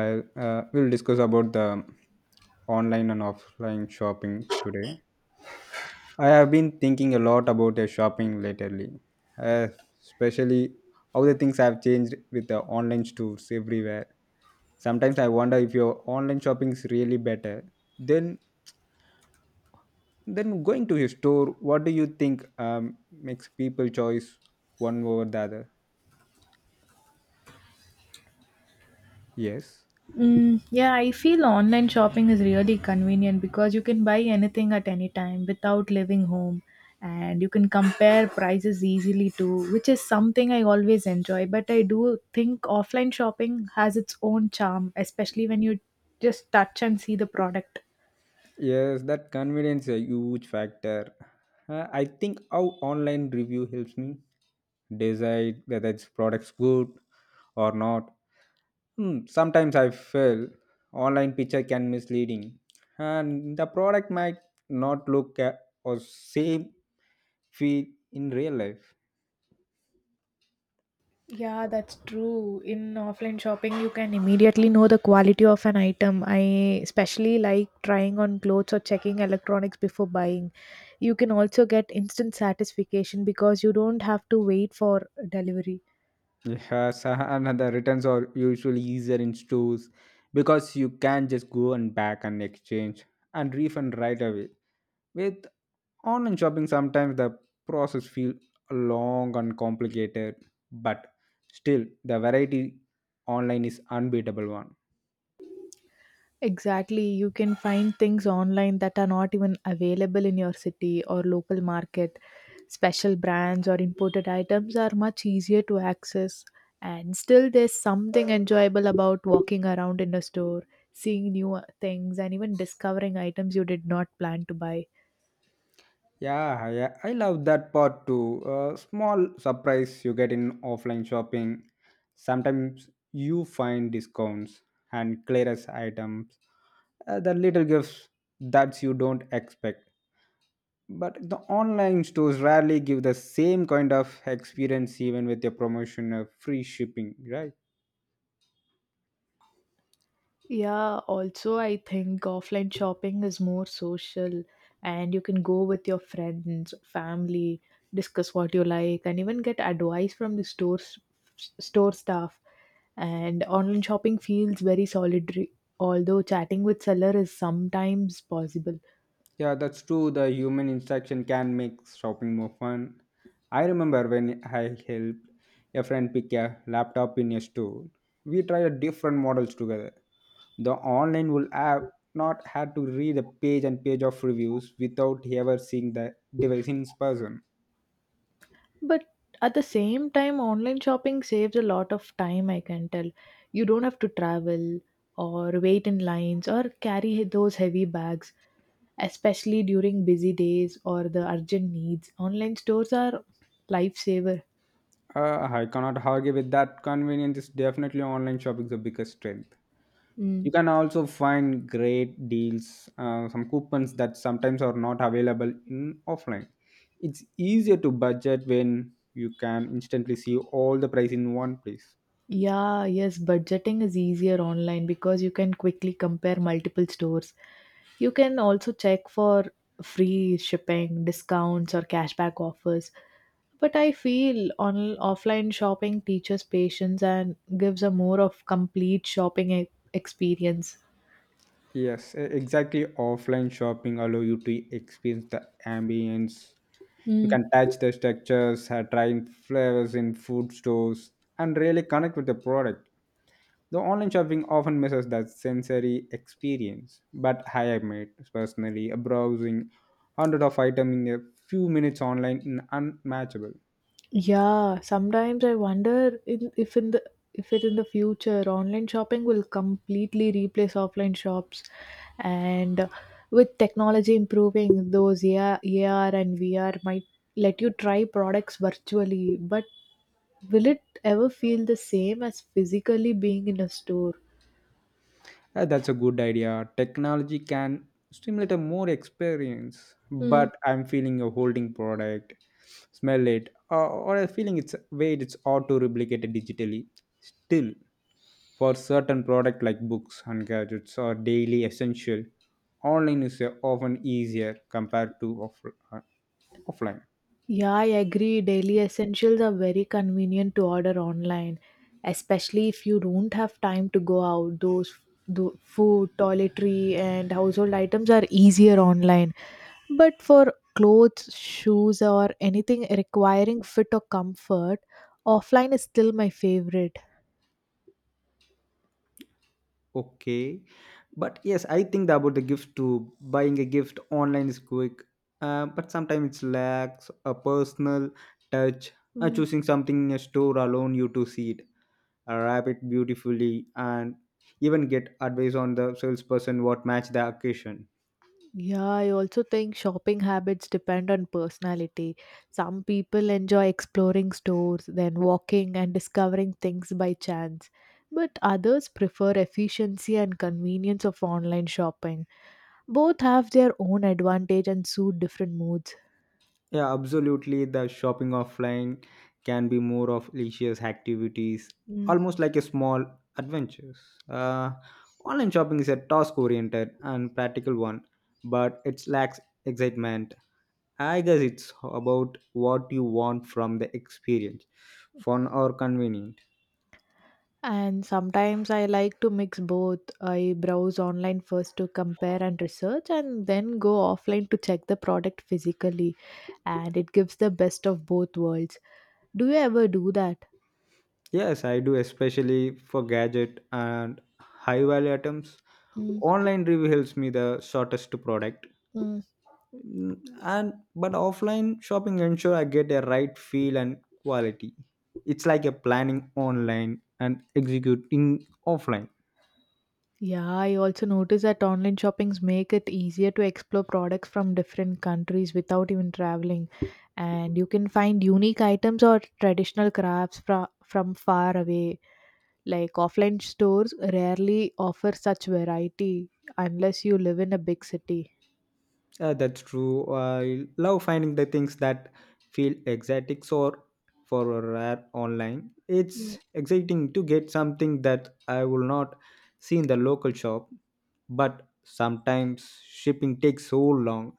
I We'll discuss about the online and offline shopping today. I have been thinking a lot about the shopping lately, uh, especially how the things have changed with the online stores everywhere. Sometimes I wonder if your online shopping is really better. Then, then going to a store, what do you think makes people choice one over the other? Yes. Mm, yeah, I feel online shopping is really convenient because you can buy anything at any time without leaving home and you can compare prices easily too, which is something I always enjoy. But I do think offline shopping has its own charm, especially when you just touch and see the product. Yes, that convenience is a huge factor. I think how online review helps me decide whether its product's good or not. Sometimes I feel online picture can misleading, and the product might not look at or same feel in real life. Yeah, that's true. In offline shopping, you can immediately know the quality of an item. I especially like trying on clothes or checking electronics before buying. You can also get instant satisfaction because you don't have to wait for delivery. Yes, and the returns are usually easier in stores because you can just go and back and exchange and refund right away. With Online shopping sometimes the process feel long and complicated, but still the variety online is unbeatable one. Exactly. You can find things online that are not even available in your city or local market. Special brands or imported items are much easier to access. And still, there's something enjoyable about walking around in a store, seeing new things, and even discovering items you did not plan to buy. Yeah, yeah, I love that part too. Small surprise you get in offline shopping. Sometimes you find discounts and clearance items, the little gifts that you don't expect. But the online stores rarely give the same kind of experience, even with a promotion of free shipping, right? Yeah, also, I think offline shopping is more social and you can go with your friends, family, discuss what you like, and even get advice from the stores, store staff. And online shopping feels very solitary, although chatting with seller is sometimes possible. Yeah, that's true. The human interaction can make shopping more fun. I remember when I helped a friend pick a laptop in a store. We tried different models together. The online will have not had to read a page and page of reviews without ever seeing the device in person. But at the same time, online shopping saves a lot of time, I can tell. You don't have to travel or wait in lines or carry those heavy bags, especially during busy days or the urgent needs. Online stores are lifesaver. I cannot argue with that. Convenience is definitely online shopping's the biggest strength. Mm. You can also find great deals, some coupons that sometimes are not available in offline. It's easier to budget when you can instantly see all the price in one place. Yeah, yes, budgeting is easier online because you can quickly compare multiple stores. You can also check for free shipping, discounts, or cashback offers. But I feel on offline shopping teaches patience and gives a more of complete shopping experience. Yes, exactly. Offline shopping allow you to experience the ambience. You Mm. can touch the structures, try flavors in food stores, and really connect with the product. The online shopping often misses that sensory experience, but I admit personally, a browsing hundred of items in a few minutes online is unmatchable. Yeah, sometimes I wonder if in the if it in the future online shopping will completely replace offline shops, and with technology improving, those AR and VR might let you try products virtually, but will it ever feel the same as physically being in a store? That's a good idea. Technology can stimulate a more experience, but I'm feeling a holding product, smell it, or a feeling it's weight it's hard to replicate it digitally. Still, for certain products like books and gadgets or daily essential online is often easier compared to offline. Yeah, I agree. Daily essentials are very convenient to order online, especially if you don't have time to go out. Those the food, toiletry, and household items are easier online. But for clothes, shoes, or anything requiring fit or comfort, offline is still my favorite. Okay. But yes, I think about the gift too. Buying a gift online is quick, but sometimes it lacks a personal touch. Hmm. Choosing something in a store alone you to see it, wrap it beautifully, and even get advice on the salesperson what match the occasion. Yeah, I also think shopping habits depend on personality. Some people enjoy exploring stores, then walking and discovering things by chance. But others prefer efficiency and convenience of online shopping. Both have their own advantage and suit different moods. Yeah, absolutely. The shopping offline can be more of leisure activities, Mm. almost like a small adventures. Uh, Online shopping is a task oriented and practical one, but it lacks excitement. I guess it's about what you want from the experience, fun or convenient. And sometimes I like to mix both. I browse online first to compare and research, and then go offline to check the product physically. And it gives the best of both worlds. Do you ever do that? Yes, I do, especially for gadget and high value items. Mm, Online review helps me the shortest to product. mm. Mm, and but offline shopping ensure I get a right feel and quality. It's like a planning online and executing offline. Yeah, I also notice that online shoppings make it easier to explore products from different countries without even traveling. And you can find unique items or traditional crafts from far away. Like offline stores rarely offer such variety unless you live in a big city. That's true. I love finding the things that feel exotic or for a rare online. Mm. It's exciting to get something that I will not see in the local shop, but sometimes shipping takes so long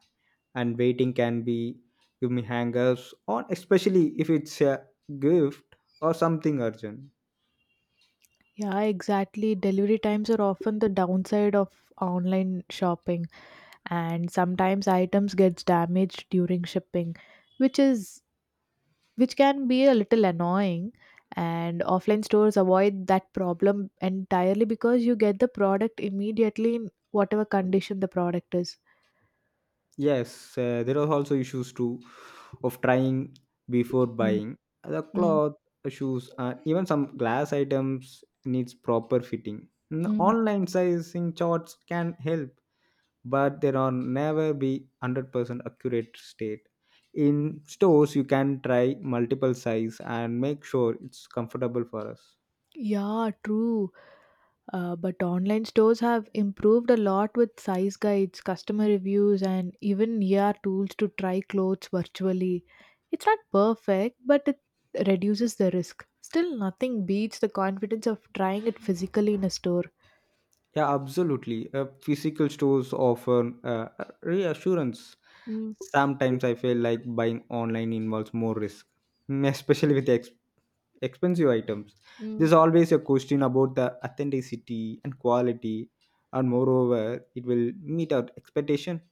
and waiting can be give me hangers on especially if it's a gift or something urgent. Yeah, exactly. Delivery times are often the downside of online shopping, and sometimes items gets damaged during shipping which is which can be a little annoying and offline stores avoid that problem entirely because you get the product immediately in whatever condition the product is. Yes, there are also issues too of trying before Mm, buying. The mm, cloth, shoes, and even some glass items needs proper fitting. Mm. Online sizing charts can help, but there are never be 100% accurate state. In stores, you can try multiple size and make sure it's comfortable for us. Yeah, true. But online stores have improved a lot with size guides, customer reviews, and even ER tools to try clothes virtually. It's not perfect, but it reduces the risk. Still, nothing beats the confidence of trying it physically in a store. Yeah, absolutely. Physical stores offer reassurance. Mm, Sometimes I feel like buying online involves more risk, especially with expensive items. There's mm. always a question about the authenticity and quality, and moreover, it will meet our expectation.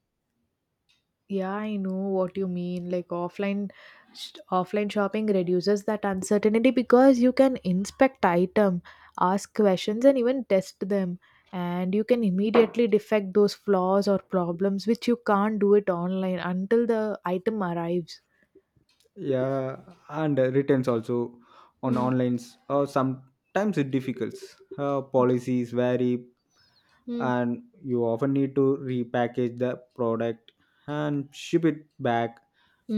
Yeah, I know what you mean. Like offline, offline shopping reduces that uncertainty because you can inspect item, ask questions, and even test them, and you can immediately defect those flaws or problems which you can't do it online until the item arrives. Yeah, and returns also on Mm, online or sometimes it difficult. Policies vary, mm, and you often need to repackage the product and ship it back,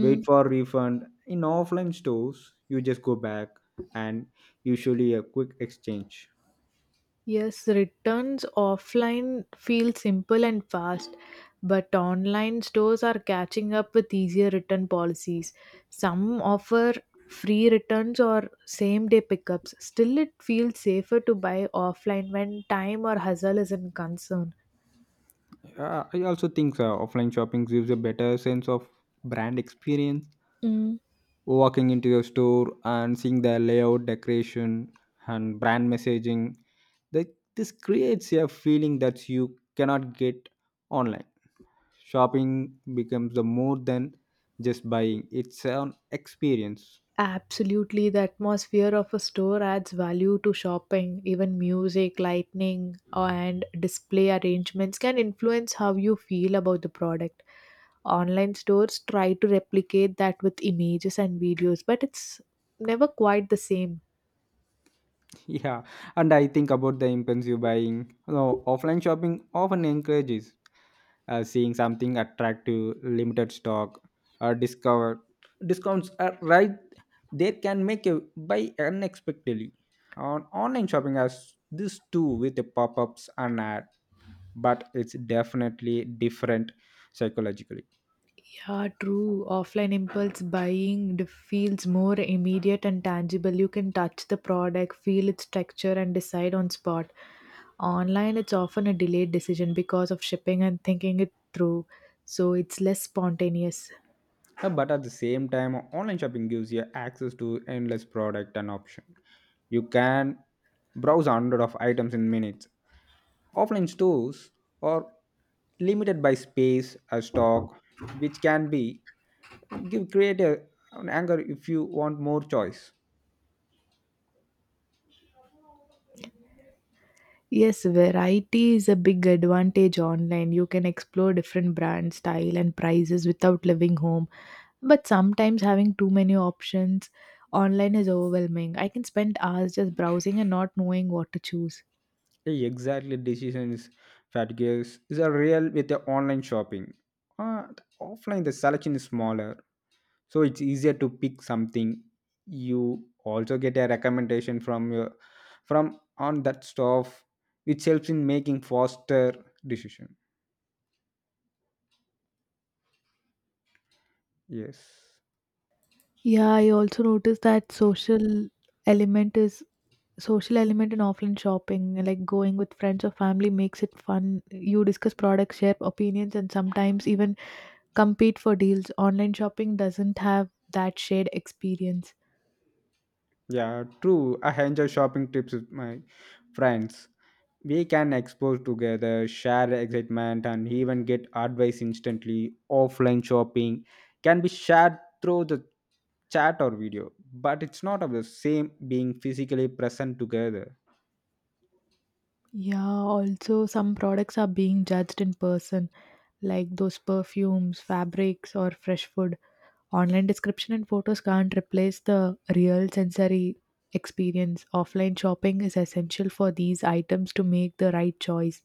wait for refund. In offline stores, you just go back and usually a quick exchange. Yes, returns offline feel simple and fast, but online stores are catching up with easier return policies. Some offer free returns or same day pickups. Still, it feels safer to buy offline when time or hustle is in concern. I also think offline shopping gives a better sense of brand experience, Mm. walking into your store and seeing the layout decoration and brand messaging that this creates a feeling that you cannot get online. Shopping becomes the more than just buying. It's an experience. Absolutely, the atmosphere of a store adds value to shopping. Even music, lighting, and display arrangements can influence how you feel about the product. Online stores try to replicate that with images and videos, but it's never quite the same. Yeah, and I think about the impulsive buying, offline shopping often encourages, seeing something attractive limited stock or discover discounts are right, they can make a buy unexpectedly. On online shopping has this too with the pop-ups and ad, but it's definitely different psychologically. Yeah, true. Offline impulse buying feels more immediate and tangible. You can touch the product, feel its texture, and decide on spot. Online, it's often a delayed decision because of shipping and thinking it through, so it's less spontaneous. But at the same time, online shopping gives you access to endless product and option. You can browse hundred of items in minutes. Offline stores are limited by space or stock, which can be give create a, an anger if you want more choice. Yes, variety is a big advantage online. You can explore different brand style and prices without leaving home. But sometimes having too many options online is overwhelming. I can spend hours just browsing and not knowing what to choose. Yeah, exactly, decisions fatigues is a real with the online shopping. The offline the selection is smaller so it's easier to pick something. You also get a recommendation from your from on that stuff which helps in making faster decision. Yes. Yeah, I also noticed that element is social element in offline shopping, like going with friends or family makes it fun. You discuss products, share opinions, and sometimes even compete for deals. Online shopping doesn't have that shared experience. Yeah, true, I enjoy shopping trips with my friends. We can explore together, share excitement, and even get advice instantly. Offline shopping can be shared through the chat or video, but it's not of the same being physically present together. Yeah, also some products are being judged in person, like those perfumes, fabrics, or fresh food. Online description and photos can't replace the real sensory experience. Offline shopping is essential for these items to make the right choice.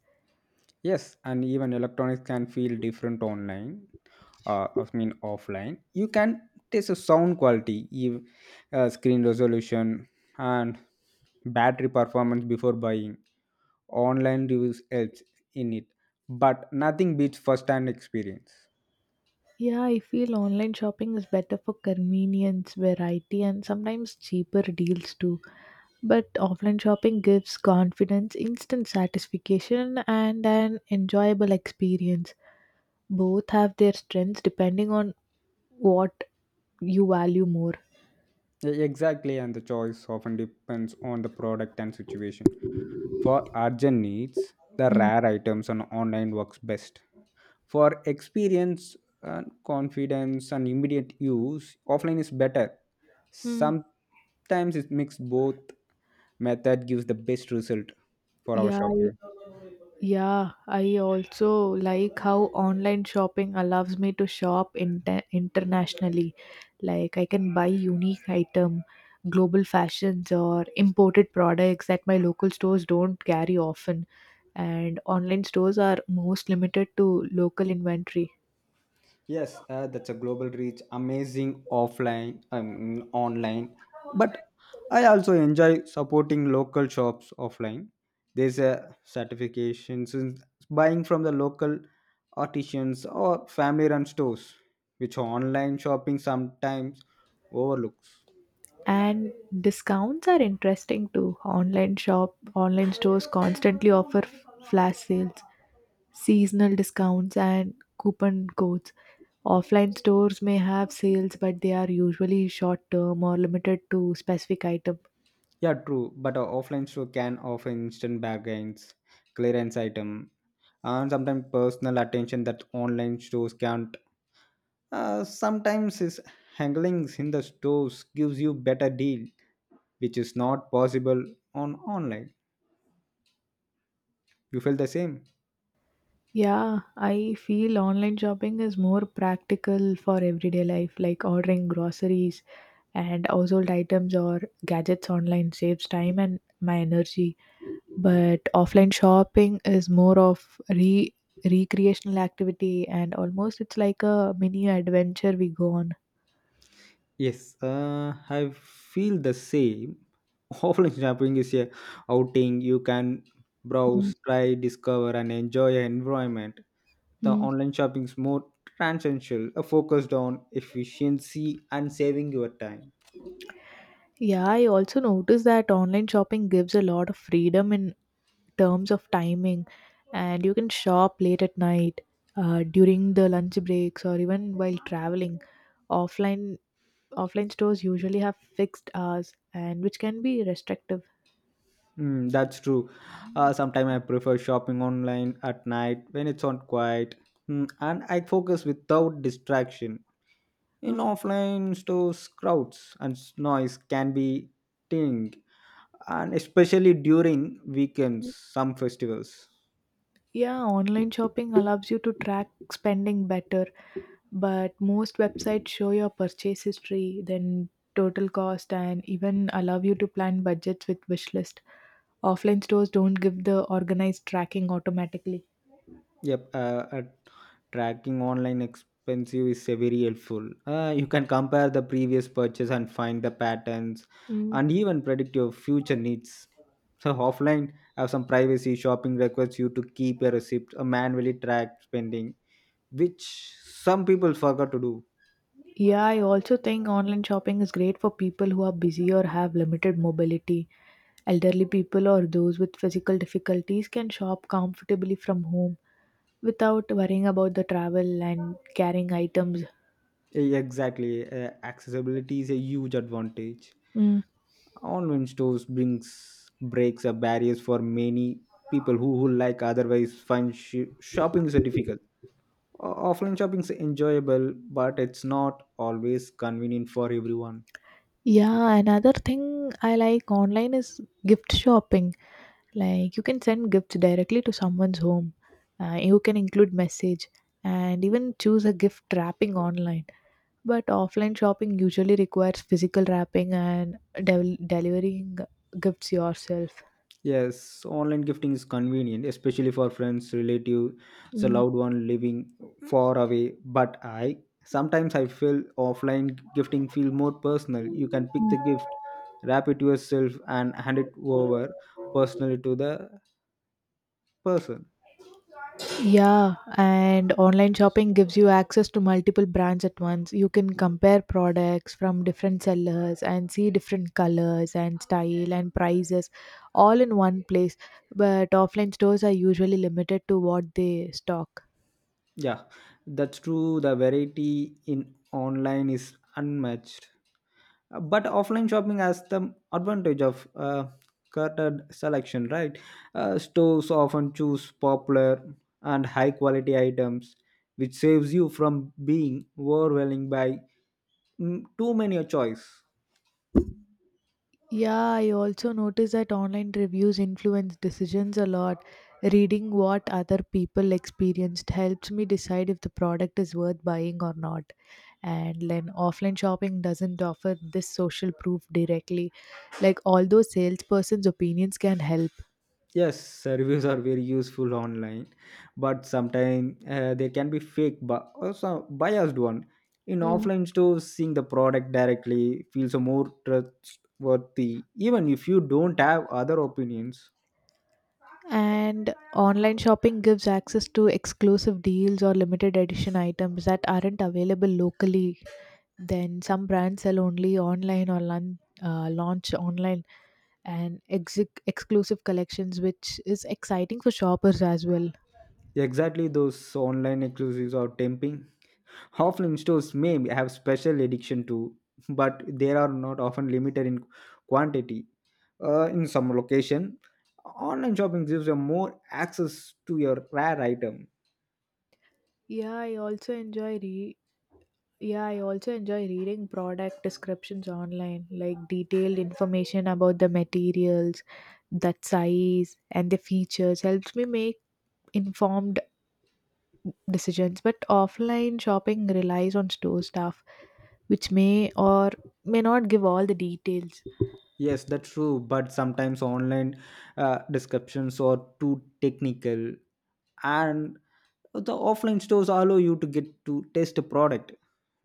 Yes, and even electronics can feel different online. I mean, offline. You can test the sound quality, screen resolution, and battery performance before buying. Online reviews helps in it, but nothing beats first-hand experience. Yeah, I feel online shopping is better for convenience, variety, and sometimes cheaper deals too. But offline shopping gives confidence, instant satisfaction, and an enjoyable experience. Both have their strengths depending on what you value more. Exactly, and the choice often depends on the product and situation. For urgent needs, the Mm. rare items on online works best. For experience and confidence and immediate use, offline is better. Mm. Sometimes it mix both method gives the best result for our Yeah, shopping. Yeah, I also like how online shopping allows me to shop internationally. Like I can buy unique item, global fashions or imported products that my local stores don't carry often and online stores are most limited to local inventory. Yes, that's a global reach, amazing offline online. But I also enjoy supporting local shops offline. There's a certification since buying from the local artisans or family-run stores, which online shopping sometimes overlooks. And discounts are interesting too. Online stores constantly offer flash sales, seasonal discounts and coupon codes. Offline stores may have sales, but they are usually short term or limited to specific item. Yeah, true. But a offline store can offer instant bargains, clearance item, and sometimes personal attention that online stores can't. Sometimes his handlings in the stores gives you better deal, which is not possible on online. You feel the same? Yeah, I feel online shopping is more practical for everyday life, like ordering groceries and household items or gadgets online saves time and my energy. But offline shopping is more of re recreational activity and almost it's like a mini adventure we go on. Yes, I feel the same. Offline shopping is a outing. You can Mm. browse, try, discover, and enjoy your environment. The Mm. online shopping is more transactional, focused on efficiency and saving your time. Yeah, I also noticed that online shopping gives a lot of freedom in terms of timing, and you can shop late at night, during the lunch breaks, or even while traveling. Offline Offline stores usually have fixed hours, and which can be restrictive. Mm, that's true. Sometimes I prefer shopping online at night when it's on quiet. And I focus without distraction. In Uh, offline stores, crowds and noise can be ting, and especially during weekends, some festivals. yeah, online shopping allows you to track spending better, but most websites show your purchase history then total cost and even allow you to plan budgets with wish list. Offline stores don't give the organized tracking automatically. Yep, uh, tracking online expensive is very helpful. You can compare the previous purchase and find the patterns, Mm. and even predict your future needs. So offline have some privacy. Shopping requires you to keep a receipt, a manually track spending, which some people forgot to do. Yeah, I also think online shopping is great for people who are busy or have limited mobility. Elderly people or those with physical difficulties can shop comfortably from home without worrying about the travel and carrying items. Exactly, accessibility is a huge advantage. Mm. Online stores brings breaks a barriers for many people who like otherwise find shopping is difficult. Offline shopping is enjoyable but it's not always convenient for everyone. Yeah, another thing I like online is gift shopping. Like you can send gifts directly to someone's home. You can include message and even choose a gift wrapping online. But offline shopping usually requires physical wrapping and delivering gifts yourself. Yes, online gifting is convenient especially for friends relative, it's Mm. loved one living far away, but I sometimes I feel offline gifting feel more personal. You can pick the Mm. gift, wrap it yourself, and hand it over personally to the person. Yeah, and online shopping gives you access to multiple brands at once. You can compare products from different sellers and see different colors and style and prices all in one place. But offline stores are usually limited to what they stock. Yeah, that's true, the variety in online is unmatched. But offline shopping has the advantage of cluttered selection, right? Stores often choose popular and high quality items which saves you from being overwhelmed by too many a choice. Yeah, I also notice that online reviews influence decisions a lot. Reading what other people experienced helps me decide if the product is worth buying or not. And then offline shopping doesn't offer this social proof directly. Like, although salesperson's opinions can help. Yes, reviews are very useful online, but sometimes they can be fake but also biased one. In Mm. offline stores, seeing the product directly feels more trustworthy even if you don't have other opinions. And online shopping gives access to exclusive deals or limited edition items that aren't available locally. Then some brands sell only online or launch online and exclusive collections, which is exciting for shoppers as well. Exactly, those online exclusives or temping. Offline stores may have special addiction too, but they are not often limited in quantity. In some location, online shopping gives you more access to your rare item. Yeah, I also enjoy re- yeah, I also enjoy reading product descriptions online, like detailed information about the materials, that size, and the features helps me make informed decisions. But offline shopping relies on store staff, which may or may not give all the details. Yes, that's true, but sometimes online descriptions are too technical, and the offline stores allow you to get to taste a product,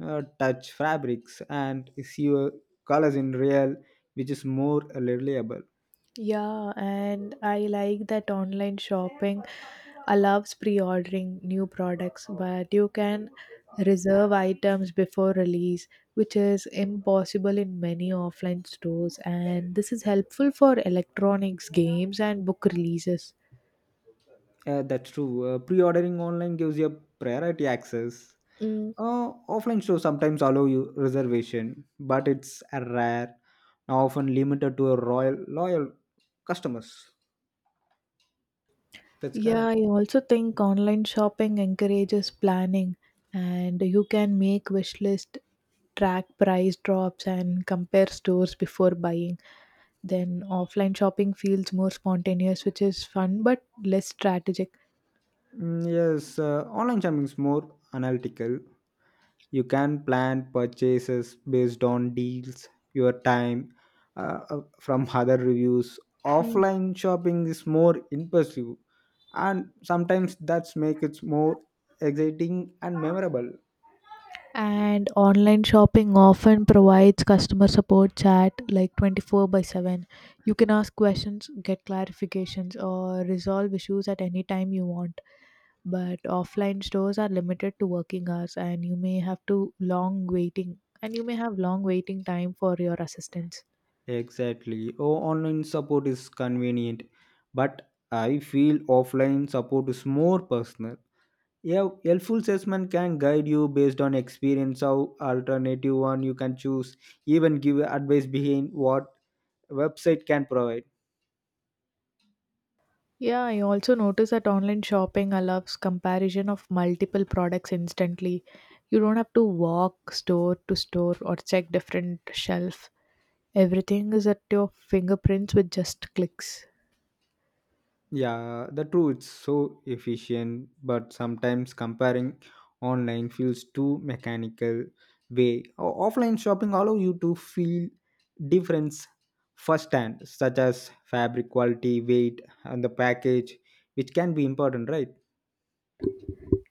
touch fabrics, and see your colors in real, which is more reliable. Yeah, and I like that online shopping allows pre-ordering new products, but you can reserve items before release, which is impossible in many offline stores, and this is helpful for electronics, games, and book releases. That's true. Pre-ordering online gives you priority access. Mm. Offline stores sometimes allow you reservation, but it's rare, often limited to a royal loyal customers. That's correct. Yeah, I also think online shopping encourages planning and you can make wish list, track price drops and compare stores before buying. Then offline shopping feels more spontaneous, which is fun but less strategic. Mm, yes, online shopping is more analytical. You can plan purchases based on deals, your time, from other reviews. Hmm. Offline shopping is more impulsive, and sometimes that's make it more exciting and memorable. And online shopping often provides customer support chat like 24/7. You can ask questions, get clarifications, or resolve issues at any time you want. But offline stores are limited to working hours and you may have to long waiting and you may have long waiting time for your assistance. Exactly. Oh, online support is convenient, but I feel offline support is more personal. Yeah, helpful salesman can guide you based on experience how alternative one you can choose, even give advice behind what website can provide. Yeah, I also notice that online shopping allows comparison of multiple products instantly. You don't have to walk store to store or check different shelf. Everything is at your fingerprints with just clicks. Yeah, the true it's so efficient, but sometimes comparing online feels too mechanical way. Offline shopping allow you to feel difference firsthand, such as fabric quality, weight, and the package, which can be important, right?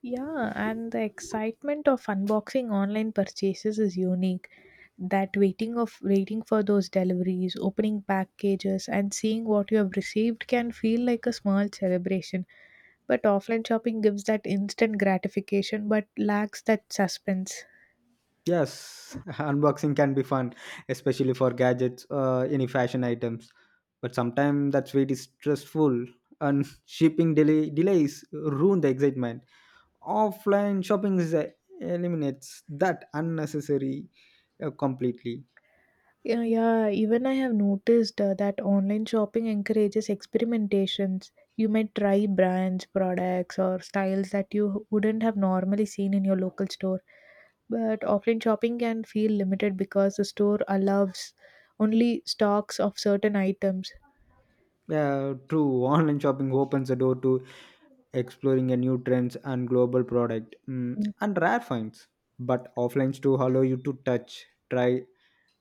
Yeah, and the excitement of unboxing online purchases is unique. That waiting of waiting for those deliveries, opening packages and seeing what you have received can feel like a small celebration. But offline shopping gives that instant gratification but lacks that suspense. Yes, unboxing can be fun, especially for gadgets, any fashion items. But sometimes that wait is stressful, and shipping delays ruin the excitement. Offline shopping is, eliminates that unnecessary completely. Yeah, yeah, even I have noticed that online shopping encourages experimentations. You might try brands, products, or styles that you wouldn't have normally seen in your local store. But offline shopping can feel limited because the store allows only stocks of certain items. Yeah, true. Online shopping opens the door to exploring a new trends and global product mm, and rare finds. But offline too allow you to touch, try,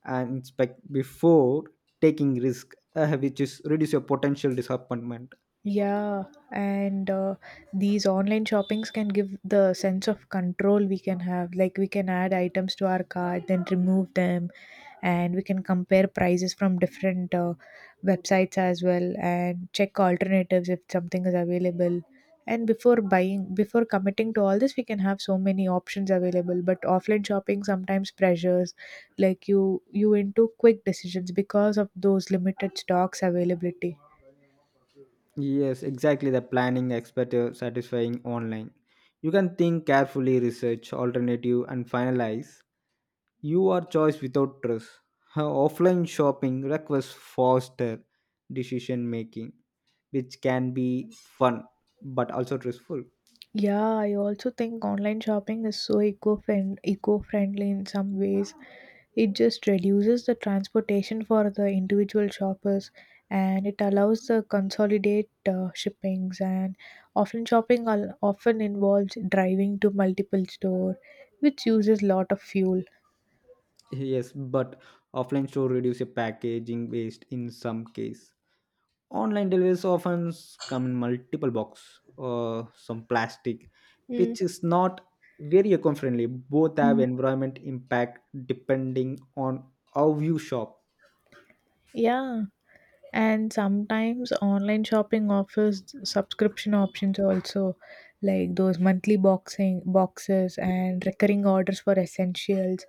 and inspect before taking risk, which is reduce your potential disappointment. Yeah, and these online shoppings can give the sense of control we can have. Like we can add items to our cart, then remove them, and we can compare prices from different websites as well, and check alternatives if something is available. And before buying, before committing to all this, we can have so many options available. But offline shopping sometimes pressures, like you into quick decisions because of those limited stocks availability. Yes, exactly. The planning expert satisfying online. You can think carefully, research alternative, and finalize. You are choice without trust. Her offline shopping requires faster decision making, which can be fun but also stressful. Yeah, I also think online shopping is so eco-friendly in some ways. It just reduces the transportation for the individual shoppers and it allows the consolidate shippings, and offline shopping often involves driving to multiple store which uses lot of fuel. Yes, but offline store reduce your packaging waste in some case. Online deliveries often come in multiple box or some plastic, Mm, which is not very eco-friendly. Both have mm, environment impact depending on how you shop. yeah. And sometimes online shopping offers subscription options also, like those monthly boxing boxes and recurring orders for essentials,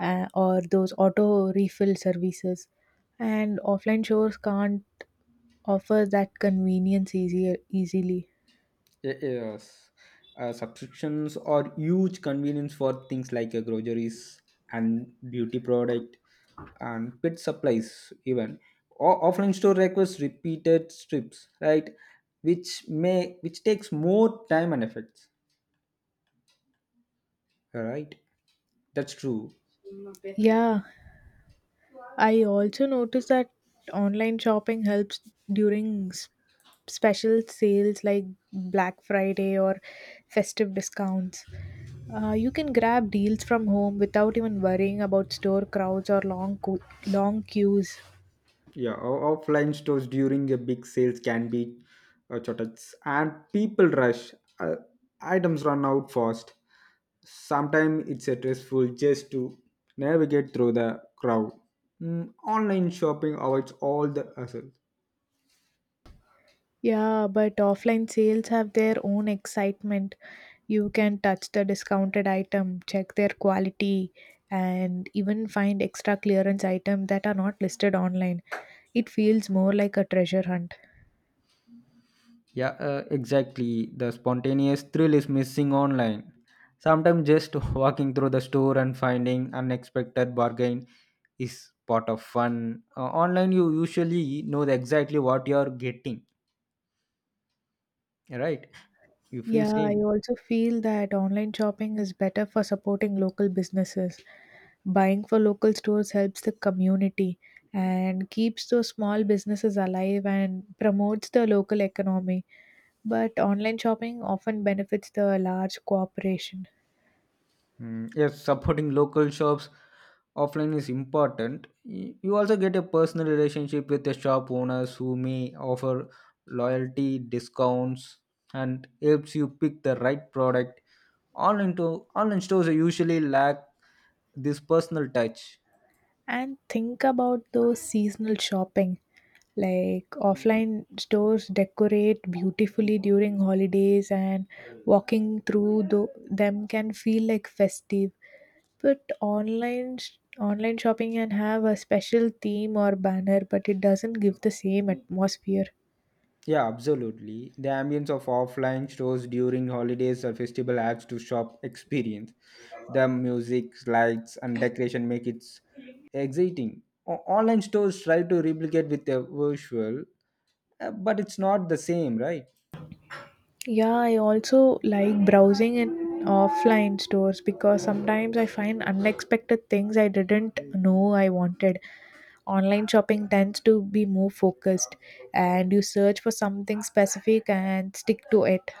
or those auto refill services, and offline stores can't offer that convenience easier easily. Yes, subscriptions are huge convenience for things like groceries and beauty product and pet supplies even. Offline store requires repeated trips, right? Which takes more time and effort. All right, that's true. Yeah, I also noticed that online shopping helps during special sales like Black Friday or festive discounts. You can grab deals from home without even worrying about store crowds or long queues. Yeah, offline stores during a big sales can be shortages and people rush. Uh, items run out fast. Sometimes it's stressful just to navigate through the crowd. Mm, online shopping avoids all the hassle. Yeah, but offline sales have their own excitement. You can touch the discounted item, check their quality, and even find extra clearance items that are not listed online. It feels more like a treasure hunt. Yeah, exactly. The spontaneous thrill is missing online. Sometimes just walking through the store and finding unexpected bargain is part of fun. Online, you usually know exactly what you're getting, right? You feel Yeah, I same. also feel that online shopping is better for supporting local businesses. Buying for local stores helps the community and keeps those small businesses alive and promotes the local economy. But online shopping often benefits the large corporation. Mm, yes, supporting local shops offline is important. You also get a personal relationship with the shop owners who may offer loyalty discounts and helps you pick the right product. Online to online stores usually lack this personal touch. And think about those seasonal shopping. Like offline stores decorate beautifully during holidays, and walking through them can feel like festive. But online shopping can have a special theme or banner, but it doesn't give the same atmosphere. Yeah, absolutely. The ambience of offline stores during holidays or festival adds to shop experience. The music, lights, and decoration make it exciting. Online stores try to replicate with a visual, but it's not the same, right? Yeah, I also like browsing in offline stores because sometimes I find unexpected things I didn't know I wanted. Online shopping tends to be more focused and you search for something specific and stick to it.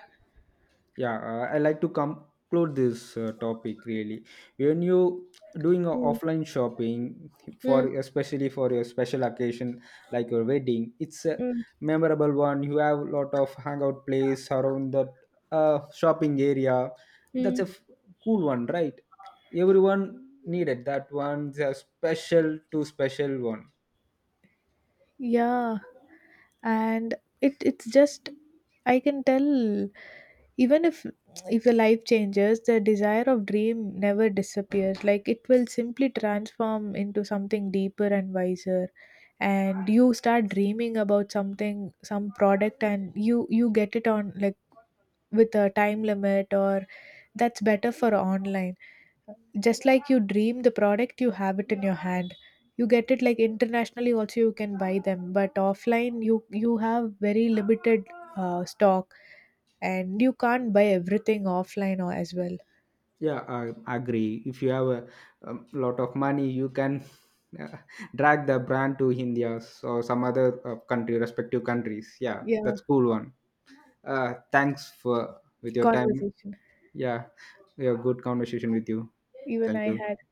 Yeah, I like to conclude this topic. Really when you doing a Mm, offline shopping mm, for especially for a special occasion like your wedding, it's a mm, memorable one. You have a lot of hangout place around that shopping area. that's mm. a f- cool one, right? Everyone needed that one. It's a special to special one. Yeah, and it's just I can tell, even if your life changes, the desire of dream never disappears. Like it will simply transform into something deeper and wiser, and you start dreaming about something, some product, and you get it on, like with a time limit, or that's better for online. Just like you dream the product, you have it in your hand. You get it like internationally also, you can buy them, but offline you have very limited stock and you can't buy everything offline or as well. Yeah, I agree. If you have a lot of money, you can uh, drag the brand to India or some other country, respective countries. Yeah, Yeah, that's cool one. Thanks for with your time. conversation, Yeah, yeah, good conversation with you. even Thank I had. you.